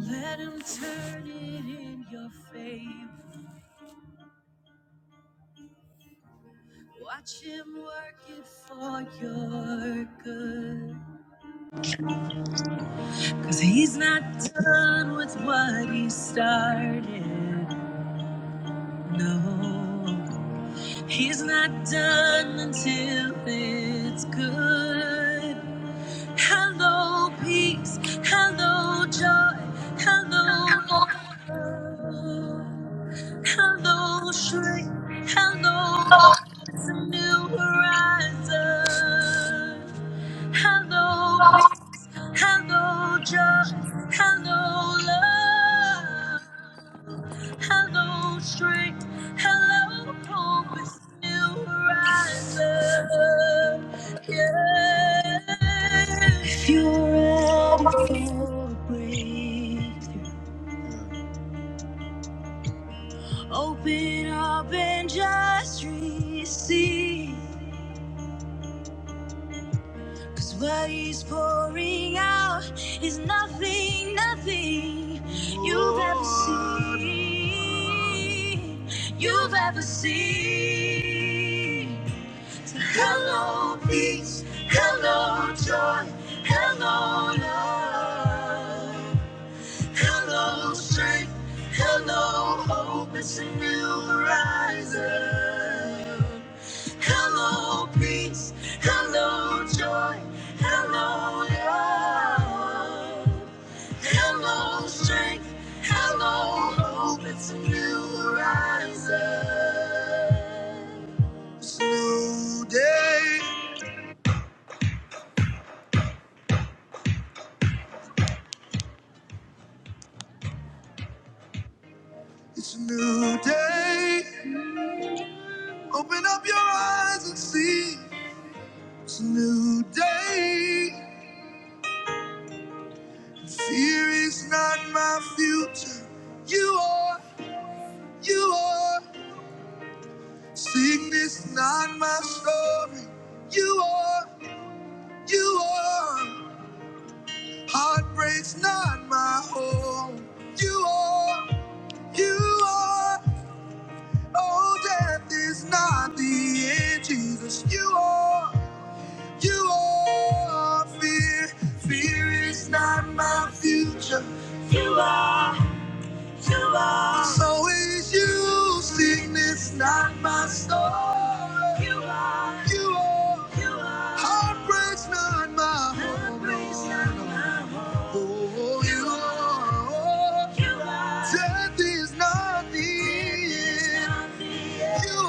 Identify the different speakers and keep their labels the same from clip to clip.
Speaker 1: Let him turn it in your favor. Watch him work it for your good. Cause he's not done with what he started. No, he's not done until it's good. Hello, peace. Hello, joy. Hello, love. Hello, strength. Hello, hope. It's a new horizon. Hello, peace. Hello, joy. Hello, love. Hello, strength. Hello, hope. It's a new horizon. If you're ready for a breakthrough, open up and just receive. Cause what he's pouring out is nothing, nothing you've ever seen. You've ever seen. So hello, peace. Hello, joy. Hello, love. Hello, strength. Hello, hope. It's a new horizon. Hello, peace. Hello, joy. Hello, love. Hello, strength. Hello, hope. It's a new horizon. It's a new day. It's a new day. Open up your eyes and see. This new day. Fear is not my future. You are, you are. Sickness not my story. You are, you are. Heartbreak's not my home. You are, you are. Oh, death is not the end, Jesus. You are, you are. Fear, fear is not my future. You are. So is you, sickness, not my story. You are, you are, you are. Heartbreak's not my Heartbreak's home. not my home. Oh, you are, you are. Death is not the end. You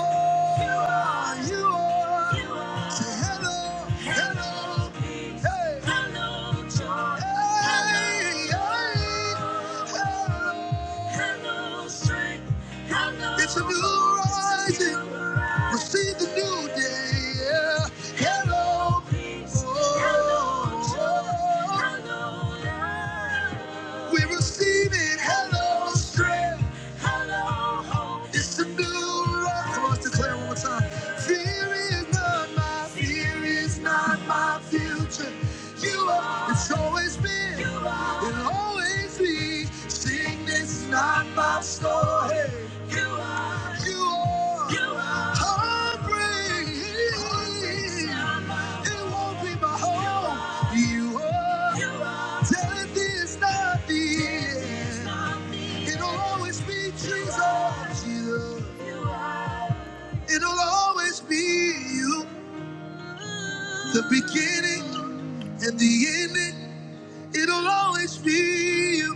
Speaker 1: are, you are, you are. Say hello, hello, hello, hey. hello, joy. Hey, hey, hello have no strength, have no It's a new rising. rising. Receive the new day. Yeah. Hello. peace. Oh, hello, joy. Hello, love. We receive it. Hello, strength. It's a new life. Come on, let's declare it one more time. Fear is not my fear is not my future. You are. It's always been. You are. It'll always be. Sickness is not my story. You are, you are, you are. Heartbreak. It won't be my home. You are, you are. Telling me not the end. It'll always be Jesus. Jesus. It'll always be you. The beginning and the ending. It'll always be you.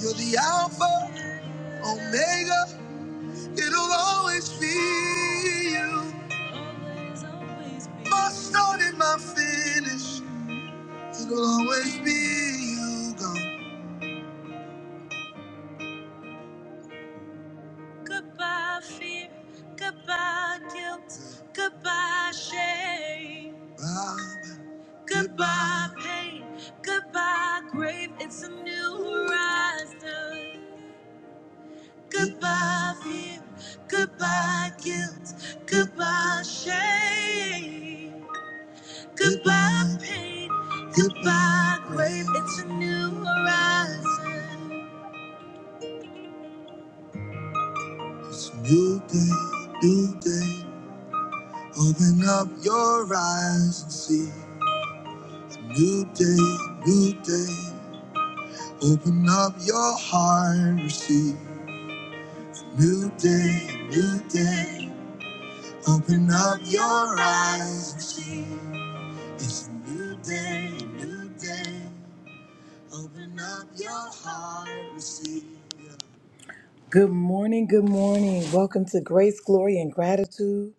Speaker 1: You're the Alpha, Omega. It'll always be you. Always, always be My start and my finish. It'll always be you. Gone. Goodbye, fear. Goodbye, guilt. Goodbye, shame. Bye. Goodbye, pain. Goodbye, grave. It's a new horizon. Goodbye, fear. Goodbye, guilt. Goodbye, shame. Goodbye, pain. Goodbye, grave. It's a new horizon. It's a new day, new day. Open up your eyes and see. new day, new day. Open up your heart and receive. new day, new day. Open up your eyes and see. It's a new day, new day. Open up your heart and receive. Good morning, good morning. Welcome to Grace, Glory, and Gratitude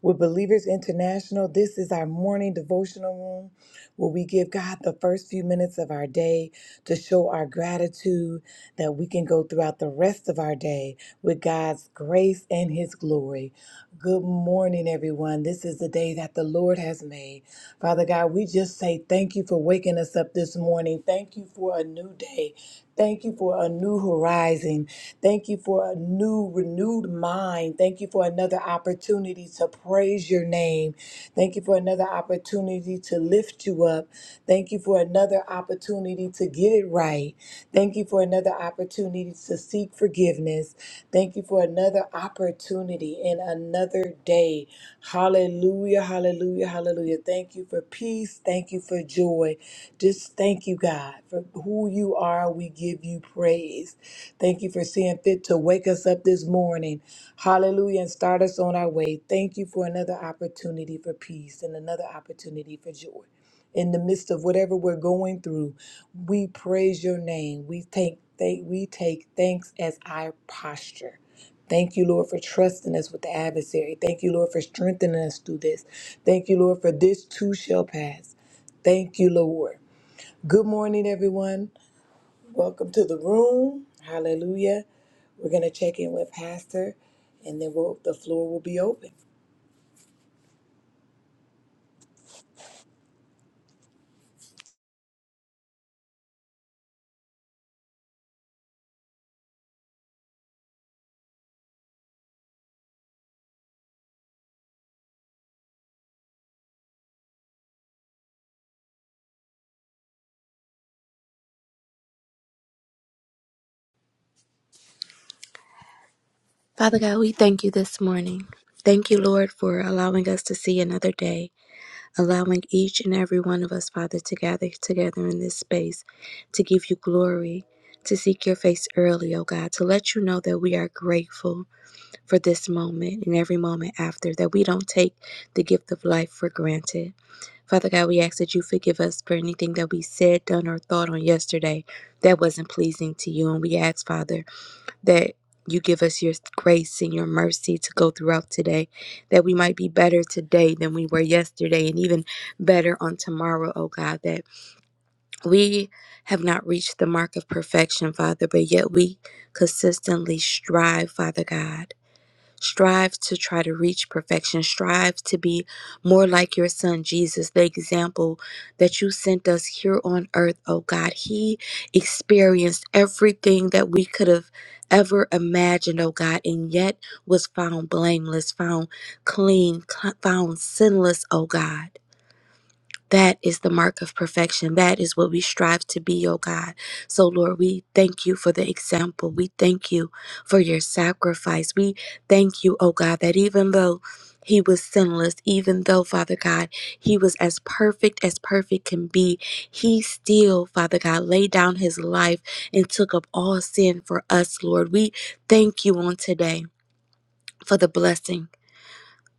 Speaker 1: with Believers International. This is our morning devotional room where we give God the first few minutes of our day to show our gratitude that we can go throughout the rest of our day with God's grace and His glory. Good morning, everyone. This is the day that the Lord has made. Father God, we just say thank you for waking us up this morning. Thank you for a new day. Thank you for a new horizon. Thank you for a new, renewed mind. Thank you for another opportunity to praise your name. Thank you for another opportunity to lift you up. Thank you for another opportunity to get it right. Thank you for another opportunity to seek forgiveness. Thank you for another opportunity and another day. Hallelujah, hallelujah, hallelujah. Thank you for peace. Thank you for joy. Just thank you, God, for who you are. We give you praise. Thank you for seeing fit to wake us up this morning. Hallelujah. And start us on our way. Thank you for another opportunity for peace and another opportunity for joy. In the midst of whatever we're going through, we praise your name. We take, thank, we take thanks as our posture. Thank you, Lord, for trusting us with the adversary. Thank you, Lord, for strengthening us through this. Thank you, Lord, for this too shall pass. Thank you, Lord. Good morning, everyone. Welcome to the room. Hallelujah. We're going to check in with Pastor, and then we'll, the floor will be open.
Speaker 2: Father God, we thank you this morning. Thank you, Lord, for allowing us to see another day, allowing each and every one of us, Father, to gather together in this space to give you glory, to seek your face early, oh God, to let you know that we are grateful for this moment and every moment after, that we don't take the gift of life for granted. Father God, we ask that you forgive us for anything that we said, done, or thought on yesterday that wasn't pleasing to you. And we ask, Father, that you give us your grace and your mercy to go throughout today, that we might be better today than we were yesterday, and even better on tomorrow, oh God, that we have not reached the mark of perfection, Father, but yet we consistently strive, Father God. Strive to try to reach perfection. Strive to be more like your son Jesus, the example that you sent us here on earth, oh God. He experienced everything that we could have ever imagined, oh God, and yet was found blameless, found clean, cl- found sinless, oh God. That is the mark of perfection. That is what we strive to be, oh God. So, Lord, we thank you for the example. We thank you for your sacrifice. We thank you, oh God, that even though he was sinless, even though, Father God, he was as perfect as perfect can be, he still, Father God, laid down his life and took up all sin for us, Lord. We thank you on today for the blessing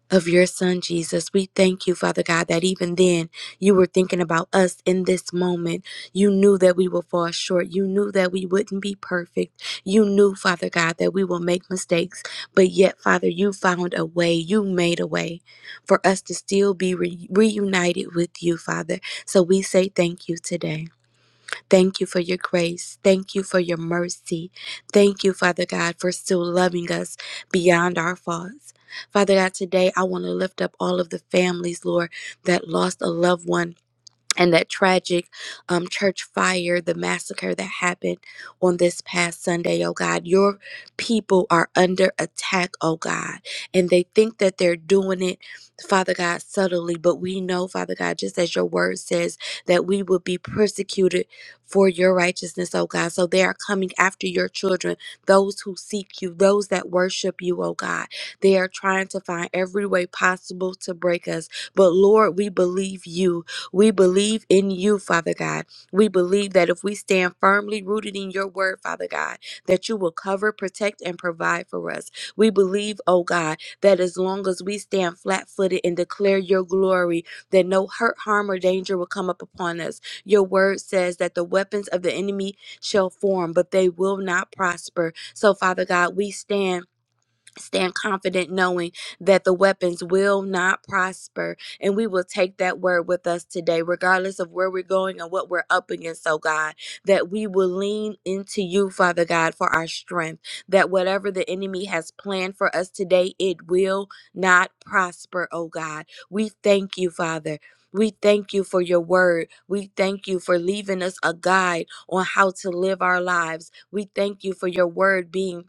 Speaker 2: of your son, Jesus. We thank you, Father God, that even then you were thinking about us in this moment. You knew that we would fall short. You knew that we wouldn't be perfect. You knew, Father God, that we will make mistakes. But yet, Father, you found a way. You made a way for us to still be re- reunited with you, Father. So we say thank you today. Thank you for your grace. Thank you for your mercy. Thank you, Father God, for still loving us beyond our faults. Father God, today I want to lift up all of the families, Lord, that lost a loved one and that tragic um, church fire, the massacre that happened on this past Sunday, oh God. Your people are under attack, oh God. And they think that they're doing it, Father God, subtly. But we know, Father God, just as your word says, that we will be persecuted for your righteousness, oh God. So they are coming after your children, those who seek you, those that worship you, oh God. They are trying to find every way possible to break us. But Lord, we believe you we believe in you, Father God. We believe that if we stand firmly rooted in your word, Father God, that you will cover, protect, and provide for us. We believe, oh God, that as long as we stand flat footed and declare your glory, that no hurt, harm, or danger will come up upon us. Your word says that the weapons of the enemy shall form, but they will not prosper. So, Father God, we stand. Stand confident knowing that the weapons will not prosper. And we will take that word with us today, regardless of where we're going and what we're up against, oh God, that we will lean into you, Father God, for our strength. That whatever the enemy has planned for us today, it will not prosper, oh God. We thank you, Father. We thank you for your word. We thank you for leaving us a guide on how to live our lives. We thank you for your word being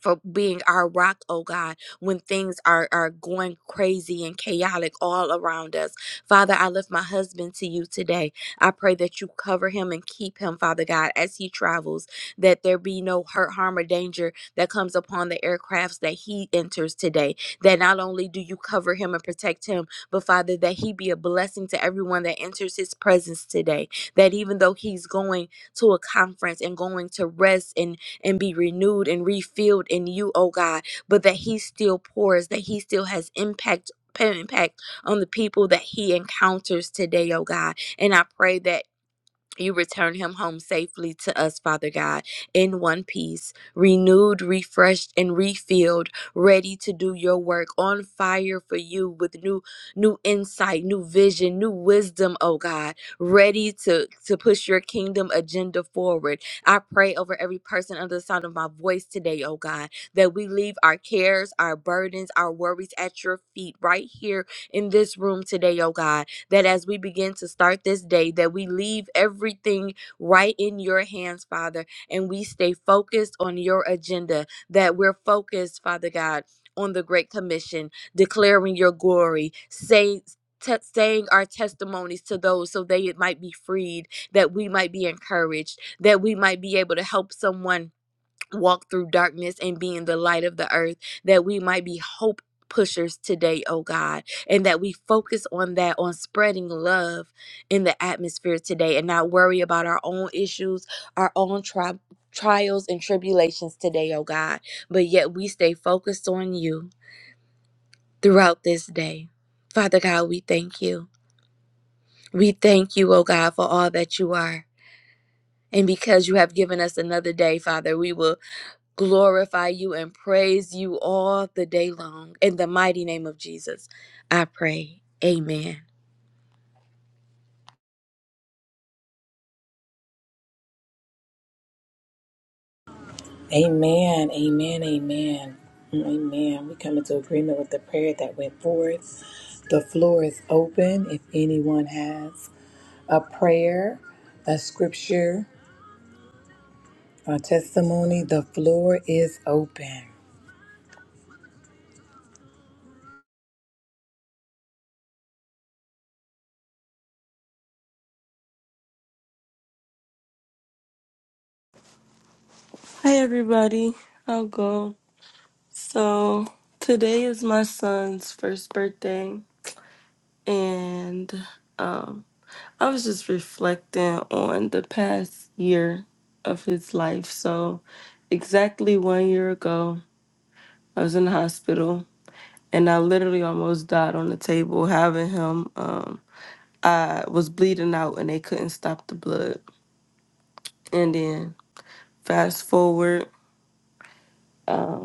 Speaker 2: for being our rock, oh God, when things are, are going crazy and chaotic all around us. Father, I lift my husband to you today. I pray that you cover him and keep him, Father God, as he travels, that there be no hurt, harm, or danger that comes upon the aircrafts that he enters today. That not only do you cover him and protect him, but Father, that he be a blessing to everyone that enters his presence today. That even though he's going to a conference and going to rest and and be renewed and refilled in you, oh God, but that He still pours, that He still has impact. Impact on the people that he encounters today, oh God. And I pray that you return him home safely to us, Father God, in one piece, renewed, refreshed, and refilled, ready to do your work, on fire for you with new new insight, new vision, new wisdom, oh God, ready to, to push your kingdom agenda forward. I pray over every person under the sound of my voice today, oh God, that we leave our cares, our burdens, our worries at your feet right here in this room today, oh God that as we begin to start this day, that we leave everything right in your hands, Father, and we stay focused on your agenda, that we're focused, Father God, on the Great Commission, declaring your glory, say, te- saying our testimonies to those so they might be freed, that we might be encouraged, that we might be able to help someone walk through darkness and be in the light of the earth, that we might be hope pushers today, oh God, and that we focus on that, on spreading love in the atmosphere today and not worry about our own issues, our own tri- trials and tribulations today, oh God, but yet we stay focused on you throughout this day. Father God, we thank you. We thank you, oh God, for all that you are. And because you have given us another day, Father, we will glorify you and praise you all the day long. In the mighty name of Jesus, I pray. Amen.
Speaker 1: Amen. Amen. Amen. Amen. We come into agreement with the prayer that went forth. The floor is open. If anyone has a prayer, a scripture, a testimony, the floor is open.
Speaker 3: Hi, everybody. I'll go. So, today is my son's first birthday, and um, I was just reflecting on the past year of his life. So, exactly one year ago, I was in the hospital and I literally almost died on the table having him. Um, I was bleeding out and they couldn't stop the blood. And then, fast forward. um,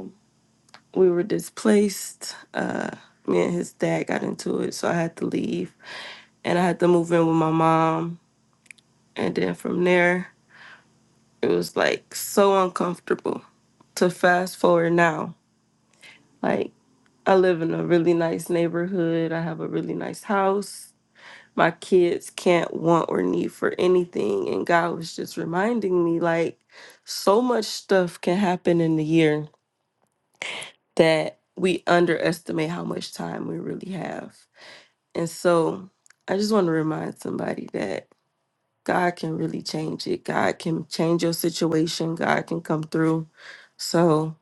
Speaker 3: we were displaced. Uh, me and his dad got into it, so I had to leave, and I had to move in with my mom. And then from there, it was like so uncomfortable. To fast forward now, like I live in a really nice neighborhood. I have a really nice house. My kids can't want or need for anything, and God was just reminding me like so much stuff can happen in the year that we underestimate how much time we really have And so I just want to remind somebody that God can really change it. God can change your situation. God can come through. So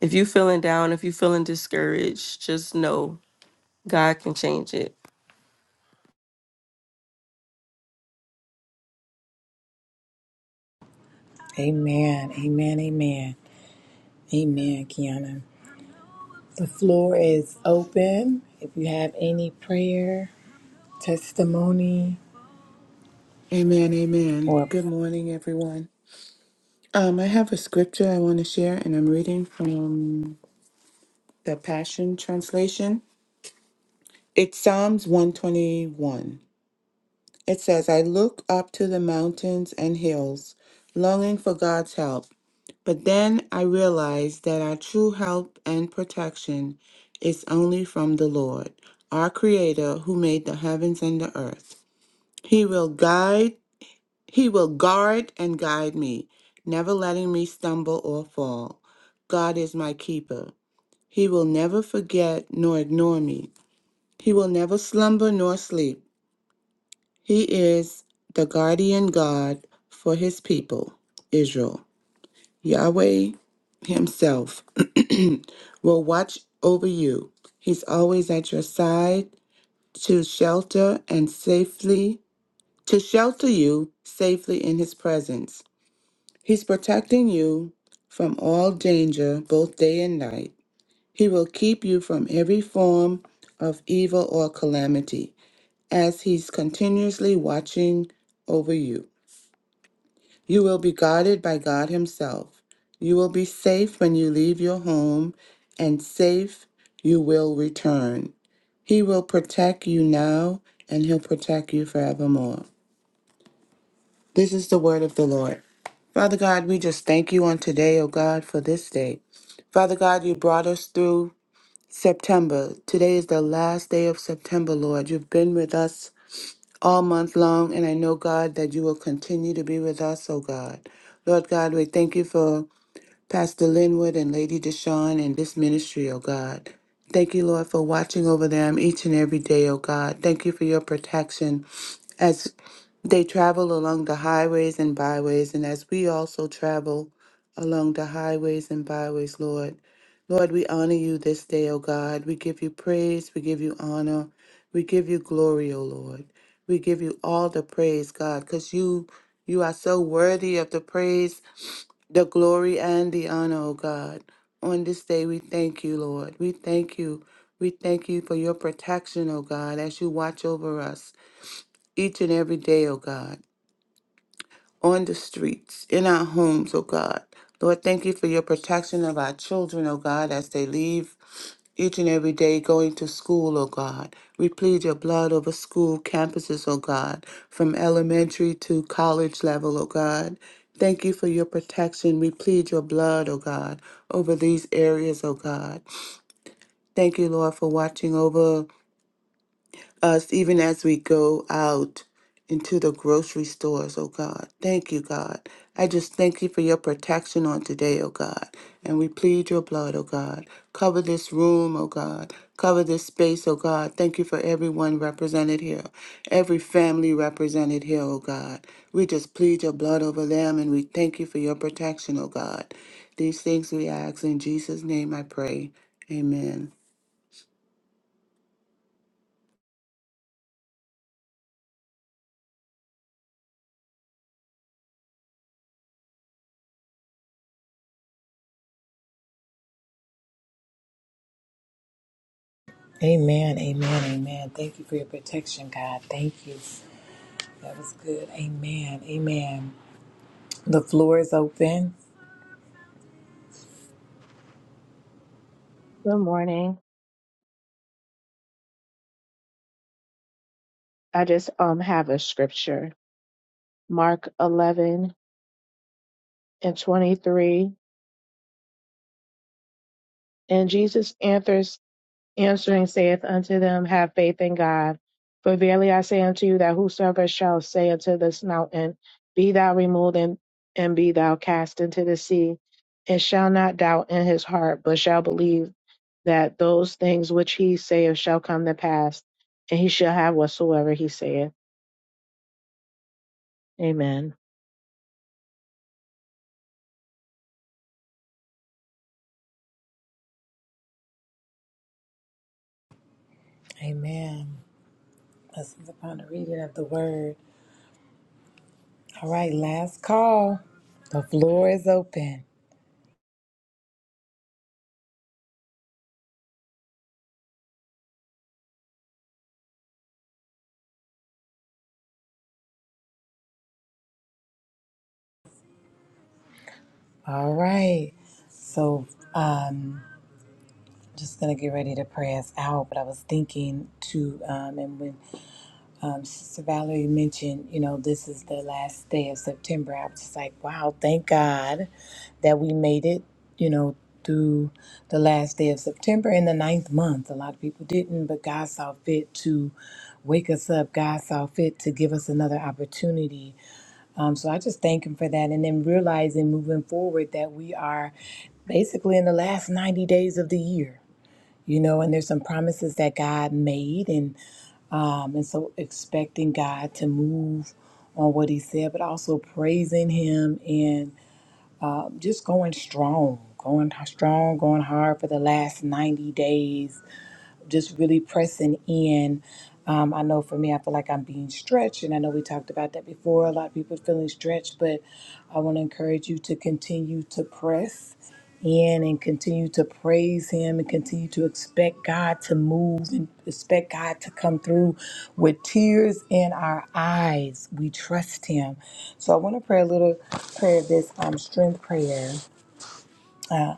Speaker 3: if you're feeling down, if you're feeling discouraged, just know God can change it.
Speaker 1: Amen. Amen. Amen. Amen, Kiana. The floor is open. If you have any prayer, testimony,
Speaker 4: Amen, amen.
Speaker 1: or
Speaker 4: Good morning, everyone. Um, I have a scripture I want to share, and I'm reading from the Passion Translation. It's Psalms 121. It says, I look up to the mountains and hills, longing for God's help. But then I realize that our true help and protection is only from the Lord, our Creator who made the heavens and the earth. He will guide He will guard and guide me, never letting me stumble or fall. God is my keeper. He will never forget nor ignore me. He will never slumber nor sleep. He is the guardian God for his people, Israel. Yahweh himself will watch over you. He's always at your side to shelter and safely to shelter you safely in his presence. He's protecting you from all danger, both day and night. He will keep you from every form of evil or calamity, as He's continuously watching over you. You will be guarded by God Himself. You will be safe when you leave your home, and safe you will return. He will protect you now, and He'll protect you forevermore. This is the word of the Lord. Father God, we just thank you on today, O God, for this day. Father God, you brought us through September. Today is the last day of September, Lord. You've been with us all month long, and I know, God, that you will continue to be with us, O God. Lord God, we thank you for Pastor Linwood and Lady Deshawn and this ministry, O God. Thank you, Lord, for watching over them each and every day, O God. Thank you for your protection as. They travel along the highways and byways, and as we also travel along the highways and byways, Lord, Lord, we honor you this day, O God. We give you praise, we give you honor, we give you glory, O Lord. We give you all the praise, God, because you you are so worthy of the praise, the glory, and the honor, O God. On this day, we thank you, Lord. We thank you. We thank you for your protection, O God, as you watch over us each and every day, O God on the streets, in our homes, oh God. Lord, thank you for your protection of our children, oh God, as they leave each and every day going to school, oh God. We plead your blood over school campuses, oh God, from elementary to college level, oh God. Thank you for your protection. We plead your blood, oh God, over these areas, oh God. Thank you, Lord, for watching over us even as we go out into the grocery stores, oh God. Thank you, God. I just thank you for your protection on today, oh God. And we plead your blood, oh God. Cover this room, oh God. Cover this space, oh God. Thank you for everyone represented here, every family represented here, oh God. We just plead your blood over them and we thank you for your protection, oh God. These things we ask in Jesus' name I pray. Amen.
Speaker 1: Amen, amen, amen. Thank you for your protection, God. Thank you. That was good. Amen, amen. The floor is open.
Speaker 5: Good morning. I just um have a scripture. Mark 11 and 23. And Jesus answers, answering saith unto them, Have faith in God. For verily I say unto you that whosoever shall say unto this mountain, Be thou removed and, and be thou cast into the sea, and shall not doubt in his heart, but shall believe that those things which he saith shall come to pass, and he shall have whatsoever he saith. Amen.
Speaker 1: Amen. This is upon the reading of the word. All right, last call. The floor is open. All right. So, um, just gonna get ready to pray us out. But I was thinking to, um, and when um, Sister Valerie mentioned, you know, this is the last day of September. I was just like, wow, thank God that we made it, you know, through the last day of September in the ninth month. A lot of people didn't, but God saw fit to wake us up. God saw fit to give us another opportunity. Um, so I just thank Him for that. And then realizing moving forward that we are basically in the last 90 days of the year. You know, and there's some promises that God made, and um, and so expecting God to move on what he said, but also praising him and um, just going strong, going h- strong, going hard for the last 90 days just really pressing in. Um, I know for me, I feel like I'm being stretched, and I know we talked about that before. A lot of people feeling stretched, but I want to encourage you to continue to press in and continue to praise Him and continue to expect God to move and expect God to come through with tears in our eyes. We trust Him. So I want to pray a little prayer, this um, strength prayer. Uh,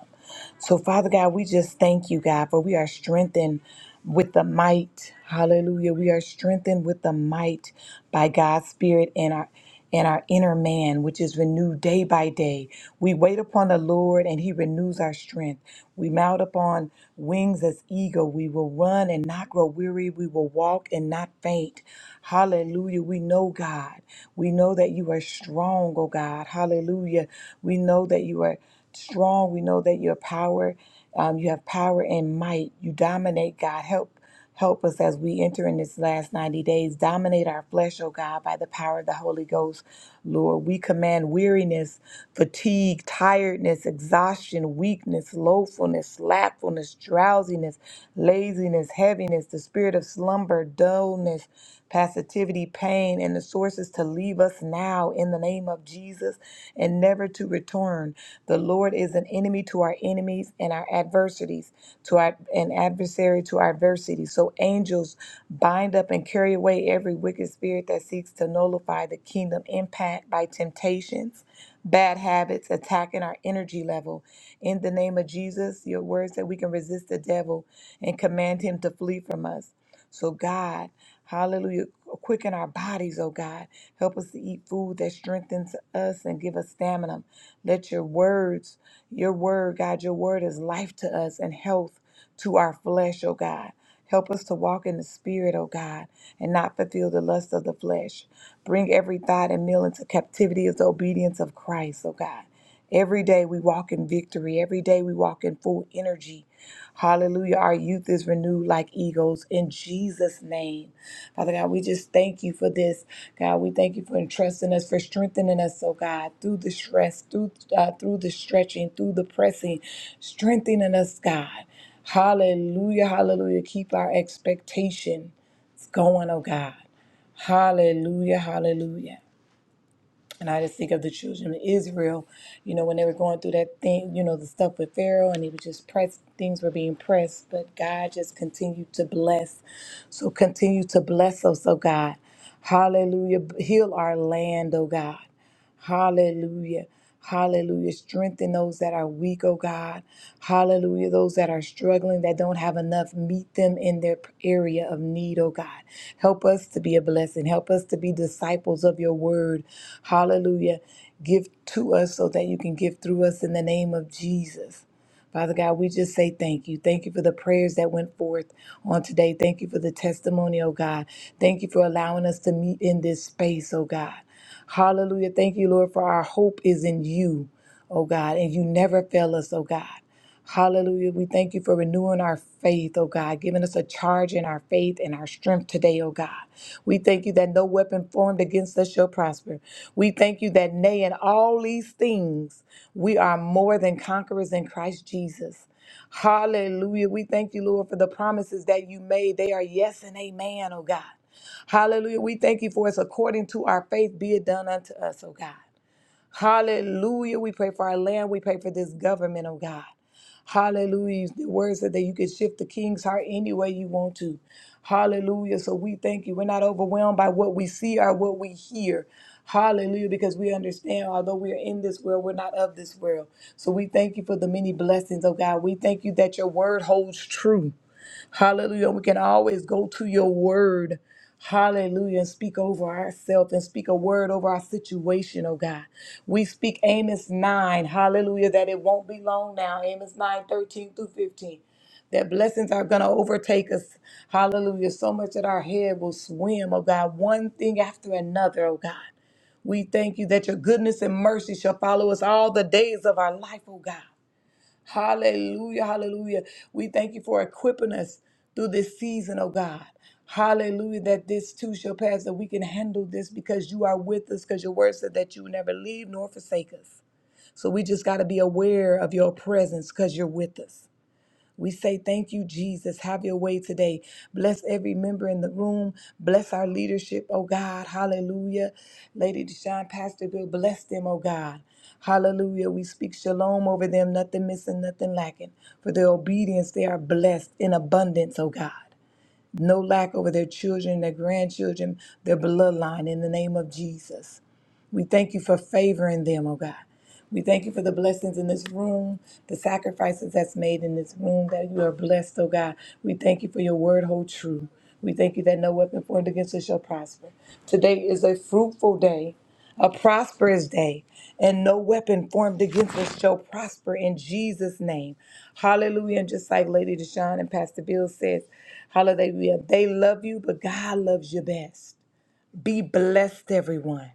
Speaker 1: so, Father God, we just thank you, God, for we are strengthened with the might. Hallelujah. We are strengthened with the might by God's Spirit and our and our inner man, which is renewed day by day. We wait upon the Lord and he renews our strength. We mount upon wings as eagle. We will run and not grow weary. We will walk and not faint. Hallelujah. We know, God. We know that you are strong, oh God. Hallelujah. We know that you are strong. We know that your power, um, you have power and might. You dominate, God. Help. Help us as we enter in this last 90 days. Dominate our flesh, oh God, by the power of the Holy Ghost, Lord. We command weariness, fatigue, tiredness, exhaustion, weakness, loathfulness, slackfulness, drowsiness, laziness, heaviness, the spirit of slumber, dullness passivity, pain, and the sources to leave us now in the name of Jesus and never to return. The Lord is an enemy to our enemies and our adversities, to our an adversary to our adversity. So angels bind up and carry away every wicked spirit that seeks to nullify the kingdom impact by temptations. Bad habits attacking our energy level. In the name of Jesus, your words that we can resist the devil and command him to flee from us. So, God, Hallelujah. Quicken our bodies, oh God. Help us to eat food that strengthens us and give us stamina. Let your words, your word, God, your word is life to us and health to our flesh, oh God. Help us to walk in the Spirit, O God, and not fulfill the lust of the flesh. Bring every thought and meal into captivity of the obedience of Christ, O God. Every day we walk in victory. Every day we walk in full energy. Hallelujah. Our youth is renewed like eagles in Jesus' name. Father God, we just thank you for this. God, we thank you for entrusting us, for strengthening us, oh God, through the stress, through uh, through the stretching, through the pressing, strengthening us, God. Hallelujah, hallelujah. Keep our expectation going, oh God. Hallelujah, hallelujah. And I just think of the children of Israel, you know, when they were going through that thing, you know, the stuff with Pharaoh, and he was just pressed, things were being pressed, but God just continued to bless. So continue to bless us, oh God. Hallelujah. Heal our land, oh God. Hallelujah. Hallelujah. Strengthen those that are weak, oh God. Hallelujah. Those that are struggling, that don't have enough, meet them in their area of need, oh God. Help us to be a blessing. Help us to be disciples of your word. Hallelujah. Give to us so that you can give through us in the name of Jesus. Father God, we just say thank you. Thank you for the prayers that went forth on today. Thank you for the testimony, oh God. Thank you for allowing us to meet in this space, oh God. Hallelujah. Thank you, Lord, for our hope is in you, oh God, and you never fail us, oh God. Hallelujah. We thank you for renewing our faith, oh God, giving us a charge in our faith and our strength today, oh God. We thank you that no weapon formed against us shall prosper. We thank you that, nay, in all these things, we are more than conquerors in Christ Jesus. Hallelujah. We thank you, Lord, for the promises that you made. They are yes and amen, oh God. Hallelujah. We thank you for us according to our faith be it done unto us, oh God. Hallelujah. We pray for our land. We pray for this government, oh God. Hallelujah. The word said that you can shift the king's heart any way you want to. Hallelujah. So we thank you. We're not overwhelmed by what we see or what we hear. Hallelujah. Because we understand, although we are in this world, we're not of this world. So we thank you for the many blessings, oh God. We thank you that your word holds true. Hallelujah. We can always go to your word. Hallelujah. And speak over ourselves and speak a word over our situation, oh God. We speak Amos 9. Hallelujah. That it won't be long now. Amos 9 13 through 15. That blessings are going to overtake us. Hallelujah. So much that our head will swim, oh God. One thing after another, oh God. We thank you that your goodness and mercy shall follow us all the days of our life, oh God. Hallelujah, hallelujah. We thank you for equipping us through this season, oh God. Hallelujah, that this too shall pass, that we can handle this because you are with us, because your word said that you will never leave nor forsake us. So we just got to be aware of your presence because you're with us. We say thank you, Jesus. Have your way today. Bless every member in the room. Bless our leadership, oh God. Hallelujah. Lady Deshaun, Pastor Bill, bless them, oh God. Hallelujah. We speak shalom over them, nothing missing, nothing lacking. For their obedience, they are blessed in abundance, oh God no lack over their children, their grandchildren, their bloodline in the name of Jesus. We thank you for favoring them, oh God. We thank you for the blessings in this room, the sacrifices that's made in this room, that you are blessed, oh God. We thank you for your word, hold true. We thank you that no weapon formed against us shall prosper. Today is a fruitful day a prosperous day, and no weapon formed against us shall prosper in Jesus' name. Hallelujah. And just like Lady Deshawn and Pastor Bill says, hallelujah. They love you, but God loves you best. Be blessed, everyone.